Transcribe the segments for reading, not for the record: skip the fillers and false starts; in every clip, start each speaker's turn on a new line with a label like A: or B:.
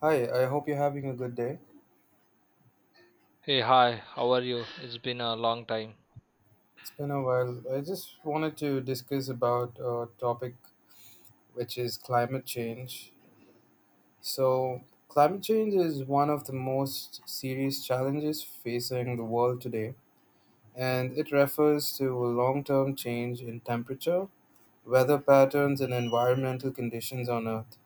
A: Hi, I hope you're having a good day.
B: Hey, hi, how are you? It's been a long time.
A: It's been a while. I just wanted to discuss about a topic which is climate change. So, climate change is one of the most serious challenges facing the world today, and it refers to a long term change in temperature, weather patterns, and environmental conditions on Earth,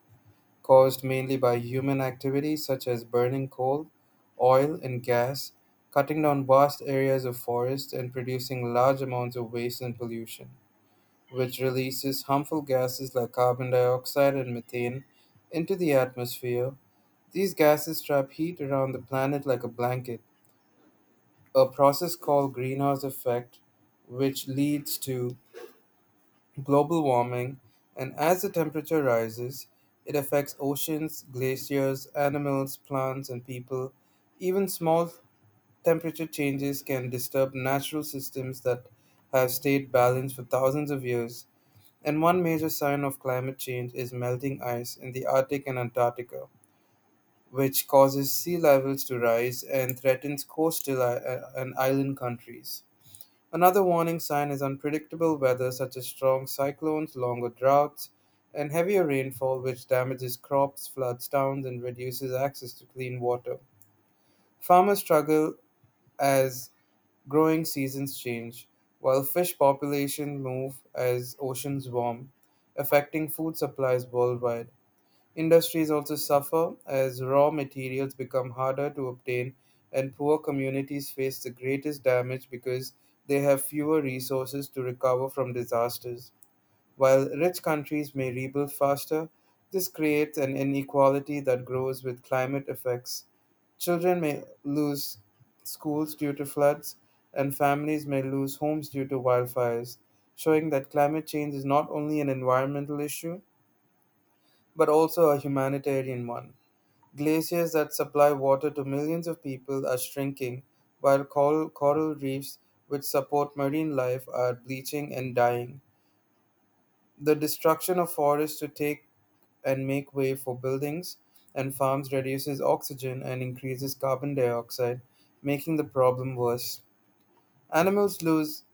A: caused mainly by human activities such as burning coal, oil, and gas, cutting down vast areas of forest, and producing large amounts of waste and pollution, which releases harmful gases like carbon dioxide and methane into the atmosphere. These gases trap heat around the planet like a blanket, a process called greenhouse effect, which leads to global warming, and as the temperature rises, it affects oceans, glaciers, animals, plants, and people. Even small temperature changes can disturb natural systems that have stayed balanced for thousands of years. And one major sign of climate change is melting ice in the Arctic and Antarctica, which causes sea levels to rise and threatens coastal and island countries. Another warning sign is unpredictable weather, such as strong cyclones, longer droughts, and heavier rainfall, which damages crops, floods towns, and reduces access to clean water. Farmers struggle as growing seasons change, while fish populations move as oceans warm, affecting food supplies worldwide. Industries also suffer as raw materials become harder to obtain, and poor communities face the greatest damage because they have fewer resources to recover from disasters. While rich countries may rebuild faster, this creates an inequality that grows with climate effects. Children may lose schools due to floods, and families may lose homes due to wildfires, showing that climate change is not only an environmental issue, but also a humanitarian one. Glaciers that supply water to millions of people are shrinking, while coral reefs, which support marine life, are bleaching and dying. The destruction of forests to take and make way for buildings and farms reduces oxygen and increases carbon dioxide, making the problem worse. Animals lose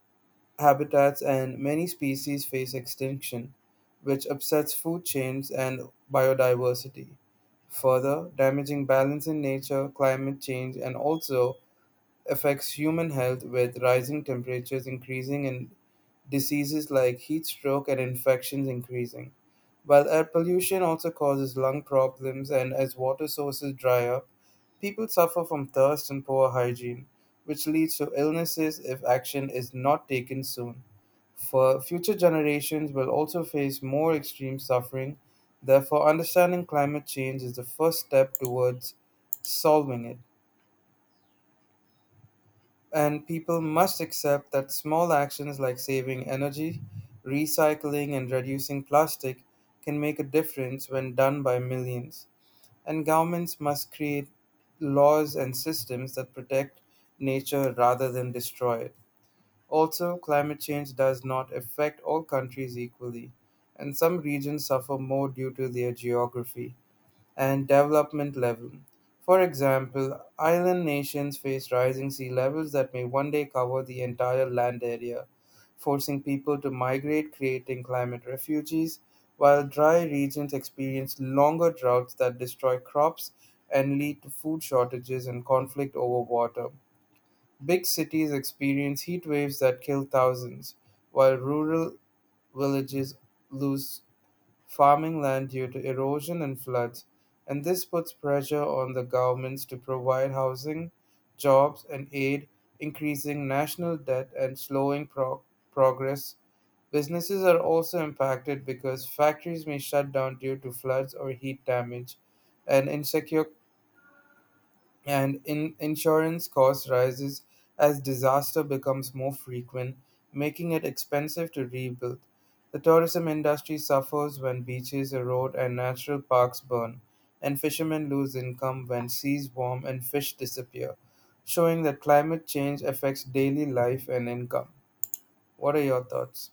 A: habitats, and many species face extinction, which upsets food chains and biodiversity, further damaging balance in nature. Climate change and also affects human health, with rising temperatures increasing and diseases like heat stroke and infections increasing. While air pollution also causes lung problems, and as water sources dry up, people suffer from thirst and poor hygiene, which leads to illnesses if action is not taken soon. For future generations will also face more extreme suffering, therefore, understanding climate change is the first step towards solving it. And people must accept that small actions like saving energy, recycling, and reducing plastic can make a difference when done by millions. And governments must create laws and systems that protect nature rather than destroy it. Also, climate change does not affect all countries equally, and some regions suffer more due to their geography and development level. For example, island nations face rising sea levels that may one day cover the entire land area, forcing people to migrate, creating climate refugees, while dry regions experience longer droughts that destroy crops and lead to food shortages and conflict over water. Big cities experience heat waves that kill thousands, while rural villages lose farming land due to erosion and floods, and this puts pressure on the governments to provide housing, jobs, and aid, increasing national debt and slowing progress. Businesses are also impacted because factories may shut down due to floods or heat damage, and insecure and in insurance cost rises as disaster becomes more frequent, making it expensive to rebuild. The tourism industry suffers when beaches erode and natural parks burn, and fishermen lose income when seas warm and fish disappear, showing that climate change affects daily life and income. What are your thoughts?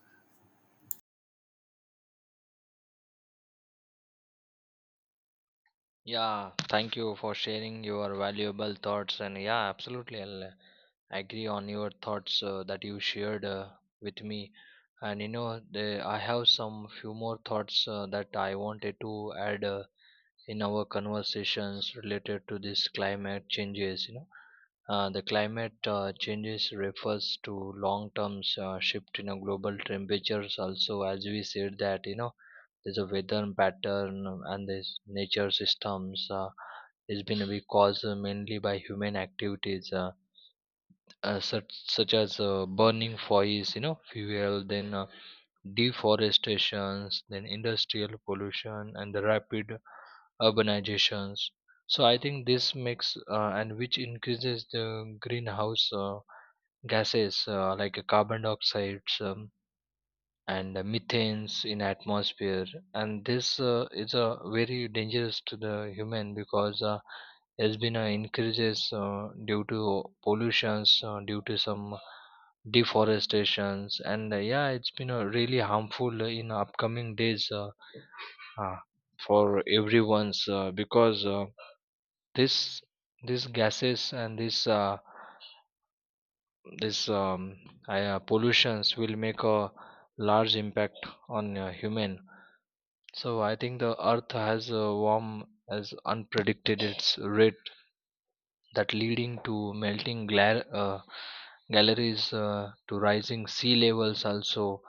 B: Yeah, thank you for sharing your valuable thoughts. And yeah, absolutely, I'll agree on your thoughts that you shared with me. And you know, I have some few more thoughts that I wanted to add in our conversations related to this climate changes. You know, the climate changes refers to long term shift in a global temperatures. Also, as we said that, you know, there's a weather pattern, and this nature systems is been be caused mainly by human activities, such as burning foils, you know, fuel, then deforestations, then industrial pollution and the rapid urbanizations. So I think this makes and which increases the greenhouse gases like carbon dioxide, um, and methanes in atmosphere. And this is very dangerous to the human, because has been increases due to pollutions, due to some deforestations, and yeah, it's been really harmful in upcoming days, uh, for everyone's, because this, these gases and this um, pollutions will make a large impact on human. So I think the earth has a warm as unpredicted its rate, that leading to melting galleries to rising sea levels. Also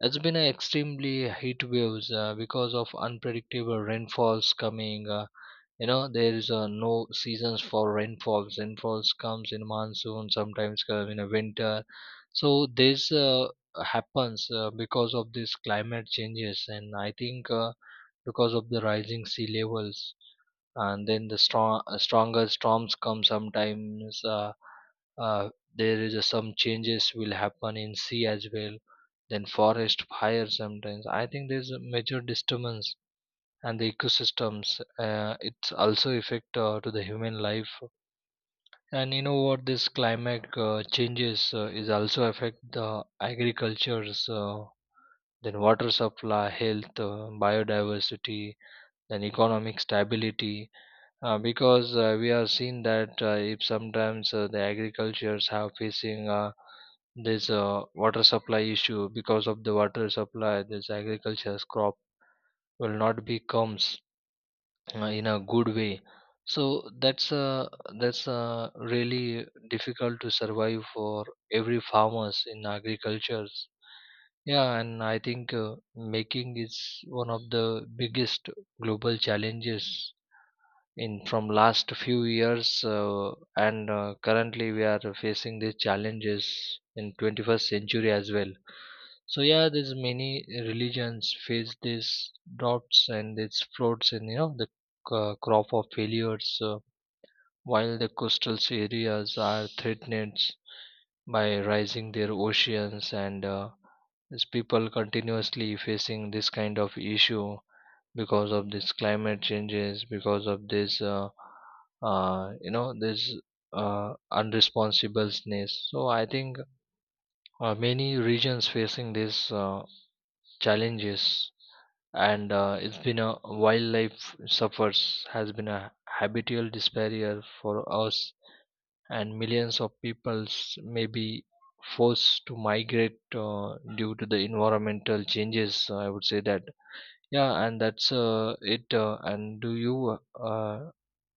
B: it's been an extremely heat waves because of unpredictable rainfalls coming, you know, there is no seasons for rainfalls comes in monsoon, sometimes come in a winter. So this happens because of this climate changes. And I think because of the rising sea levels and then the stronger storms come sometimes, uh, there is some changes will happen in sea as well. Then forest fire sometimes, I think there's a major disturbance and the ecosystems, it's also affect to the human life. And you know what, this climate changes is also affect the agricultures, then water supply, health, biodiversity, then economic stability, because we are seen that if sometimes the agricultures have facing this water supply issue. Because of the water supply, this agriculture's crop will not be comes in a good way. So that's really difficult to survive for every farmers in agricultures. Yeah, and I think making is one of the biggest global challenges in from last few years, and currently we are facing these challenges in 21st century as well. So yeah, there's many religions face these droughts and these floods, and you know the crop of failures, while the coastal areas are threatened by rising their oceans. And these people continuously facing this kind of issue because of this climate changes, because of this, you know, this unresponsibleness. So I think many regions facing these challenges. And it's been a wildlife suffers, has been a habitual despair for us, and millions of peoples may be forced to migrate due to the environmental changes, I would say that. Yeah, and that's it and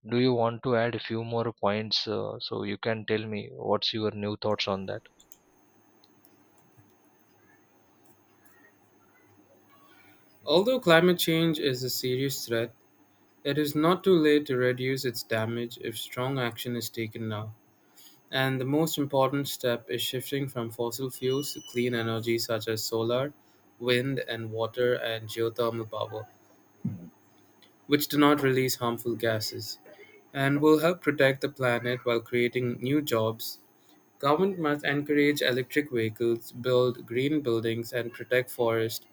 B: do you want to add a few more points, so you can tell me what's your new thoughts on that?
A: Although climate change is a serious threat, it is not too late to reduce its damage if strong action is taken now. And the most important step is shifting from fossil fuels to clean energy such as solar, wind, and water and geothermal power, which do not release harmful gases and will help protect the planet while creating new jobs. Government must encourage electric vehicles, build green buildings, and protect forests,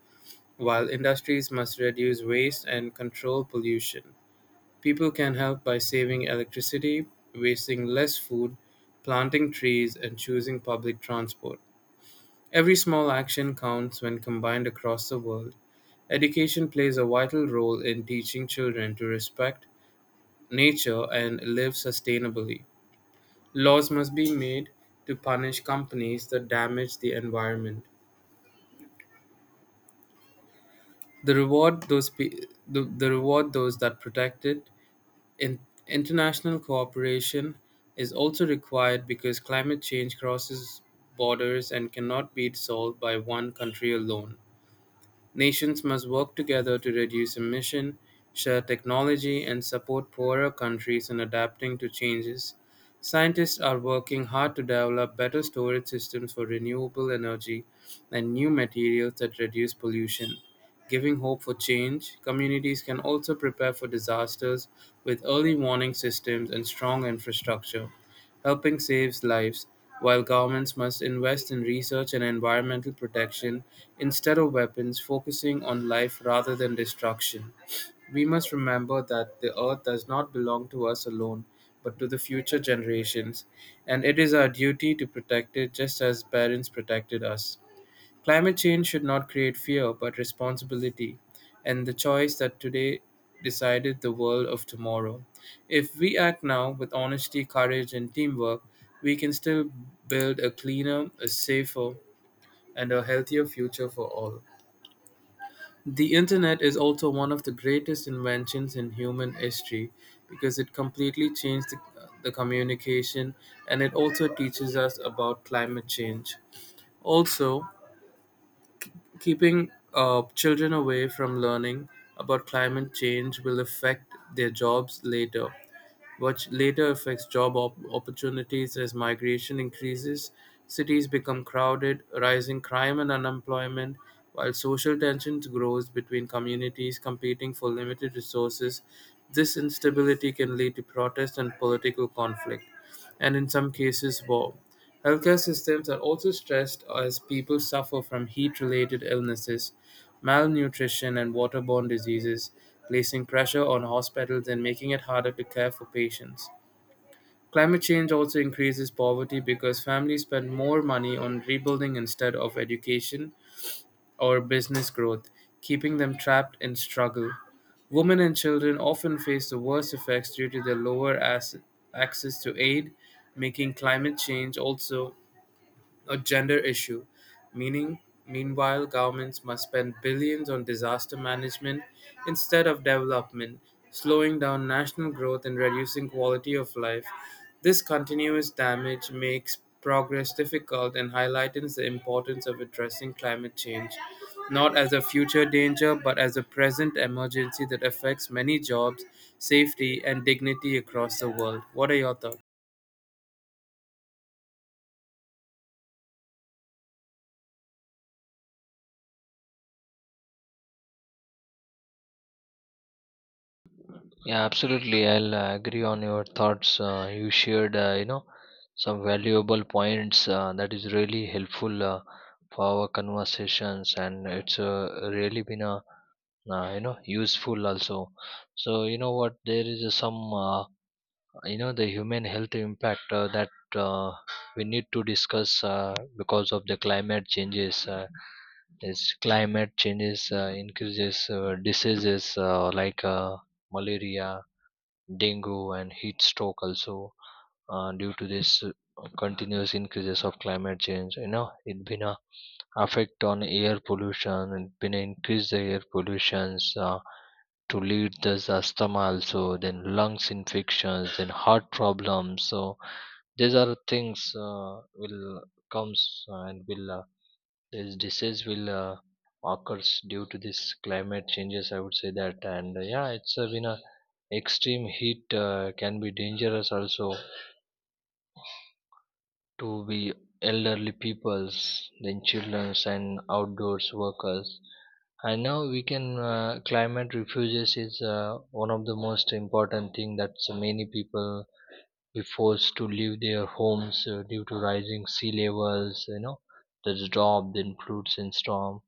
A: while industries must reduce waste and control pollution. People can help by saving electricity, wasting less food, planting trees, and choosing public transport. Every small action counts when combined across the world. Education plays a vital role in teaching children to respect nature and live sustainably. Laws must be made to punish companies that damage the environment. The reward those that protect it. In- International cooperation is also required because climate change crosses borders and cannot be solved by one country alone. Nations must work together to reduce emission, share technology, and support poorer countries in adapting to changes. Scientists are working hard to develop better storage systems for renewable energy and new materials that reduce pollution. Giving hope for change, communities can also prepare for disasters with early warning systems and strong infrastructure helping save lives, while governments must invest in research and environmental protection instead of weapons, focusing on life rather than destruction. We must remember that the earth does not belong to us alone, but to the future generations, and it is our duty to protect it just as parents protected us. Climate change should not create fear but responsibility, and the choice that today decided the world of tomorrow. If we act now with honesty, courage, and teamwork, we can still build a cleaner, a safer, and a healthier future for all. The internet is also one of the greatest inventions in human history because it completely changed the communication, and it also teaches us about climate change. Also, keeping children away from learning about climate change will affect their jobs later, which later affects job opportunities as migration increases, cities become crowded, rising crime and unemployment, while social tensions grows between communities competing for limited resources. This instability can lead to protest and political conflict, and in some cases war. Healthcare systems are also stressed as people suffer from heat related illnesses, malnutrition, and waterborne diseases, placing pressure on hospitals and making it harder to care for patients. Climate change also increases poverty because families spend more money on rebuilding instead of education, or business growth, keeping them trapped in struggle. Women and children often face the worst effects due to their lower access to aid, making climate change also a gender issue. Meaning, Meanwhile, governments must spend billions on disaster management instead of development, slowing down national growth and reducing quality of life. This continuous damage makes progress difficult and highlights the importance of addressing climate change, not as a future danger, but as a present emergency that affects many jobs, safety, and dignity across the world. What are your thoughts?
B: Yeah, absolutely. I'll agree on your thoughts. You shared, you know, some valuable points that is really helpful for our conversations, and it's really been a you know, useful also. So you know what, there is some, you know, the human health impact, that uh, we need to discuss because of the climate changes. Is climate changes increases diseases like malaria, dengue, and heat stroke also, due to this continuous increases of climate change. You know, it been a effect on air pollution. It been increase the air pollutions, to lead this asthma, also then lungs infections, then heart problems. So these are things will comes and will, this disease will occurs due to this climate changes, I would say that. And yeah, it's been a extreme heat can be dangerous also to be elderly peoples, then childrens and outdoors workers. And now we can, climate refuges is one of the most important thing, that so many people be forced to leave their homes due to rising sea levels. You know, there's drought, then floods and storm.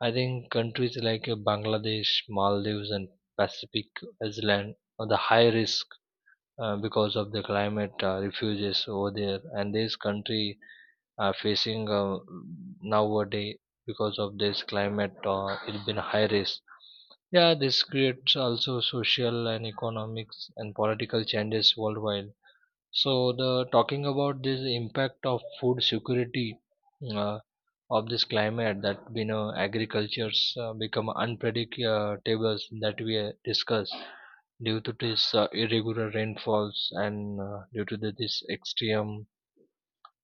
B: I think countries like Bangladesh, Maldives and Pacific Island are the high risk because of the climate refuges over there. And this country are facing nowadays, because of this climate, it's been high risk. Yeah, this creates also social and economics and political changes worldwide. So the talking about this impact of food security uh, of this climate, that you know, agricultures become unpredictable, that we discuss due to this irregular rainfalls, and due to this extreme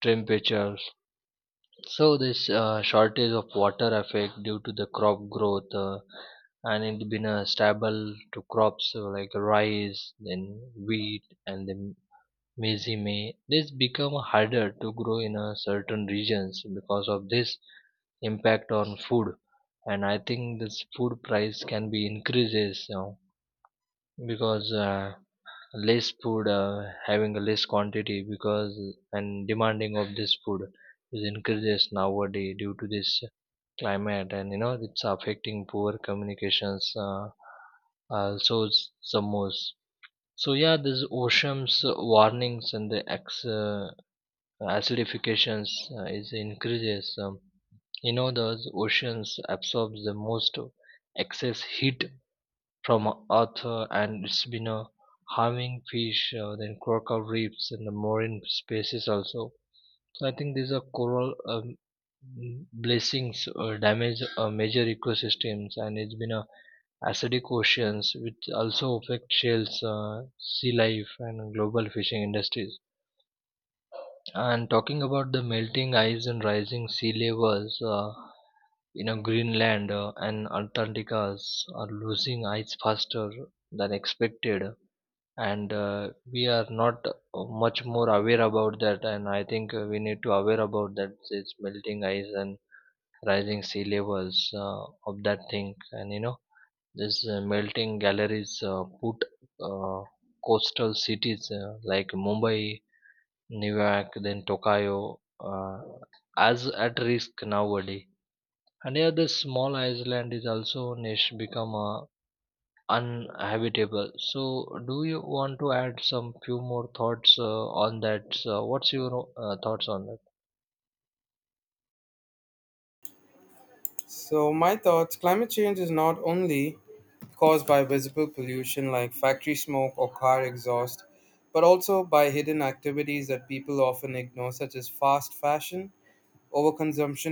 B: temperatures. So this shortage of water affect due to the crop growth, and it been a stable to crops like rice, then wheat, and then maize may this become harder to grow in a certain regions, because of this impact on food. And I think this food price can be increases, you know, because less food having a less quantity, because and demanding of this food is increases nowadays due to this climate. And you know, it's affecting poor communications, also some most. So yeah, this oceans warnings and the acidifications is increases. You know, those oceans absorbs the most excess heat from earth, and it's been harming fish, then coral reefs and the marine species also. So I think these are coral, blessings or damage major ecosystems. And it's been a acidic oceans, which also affect shells, sea life and global fishing industries. And talking about the melting ice and rising sea levels, you know, Greenland and Antarctica are losing ice faster than expected, and we are not much more aware about that. And I think we need to aware about that. It's melting ice and rising sea levels of that thing. And you know, this melting galleries put uh, coastal cities like Mumbai, Newark, then Tokyo, as at risk nowadays. And yeah, the small island is also niche become uninhabitable. So do you want to add some few more thoughts on that? So what's your thoughts on that?
A: So, my thoughts: climate change is not only caused by visible pollution like factory smoke or car exhaust, but also by hidden activities that people often ignore, such as fast fashion, overconsumption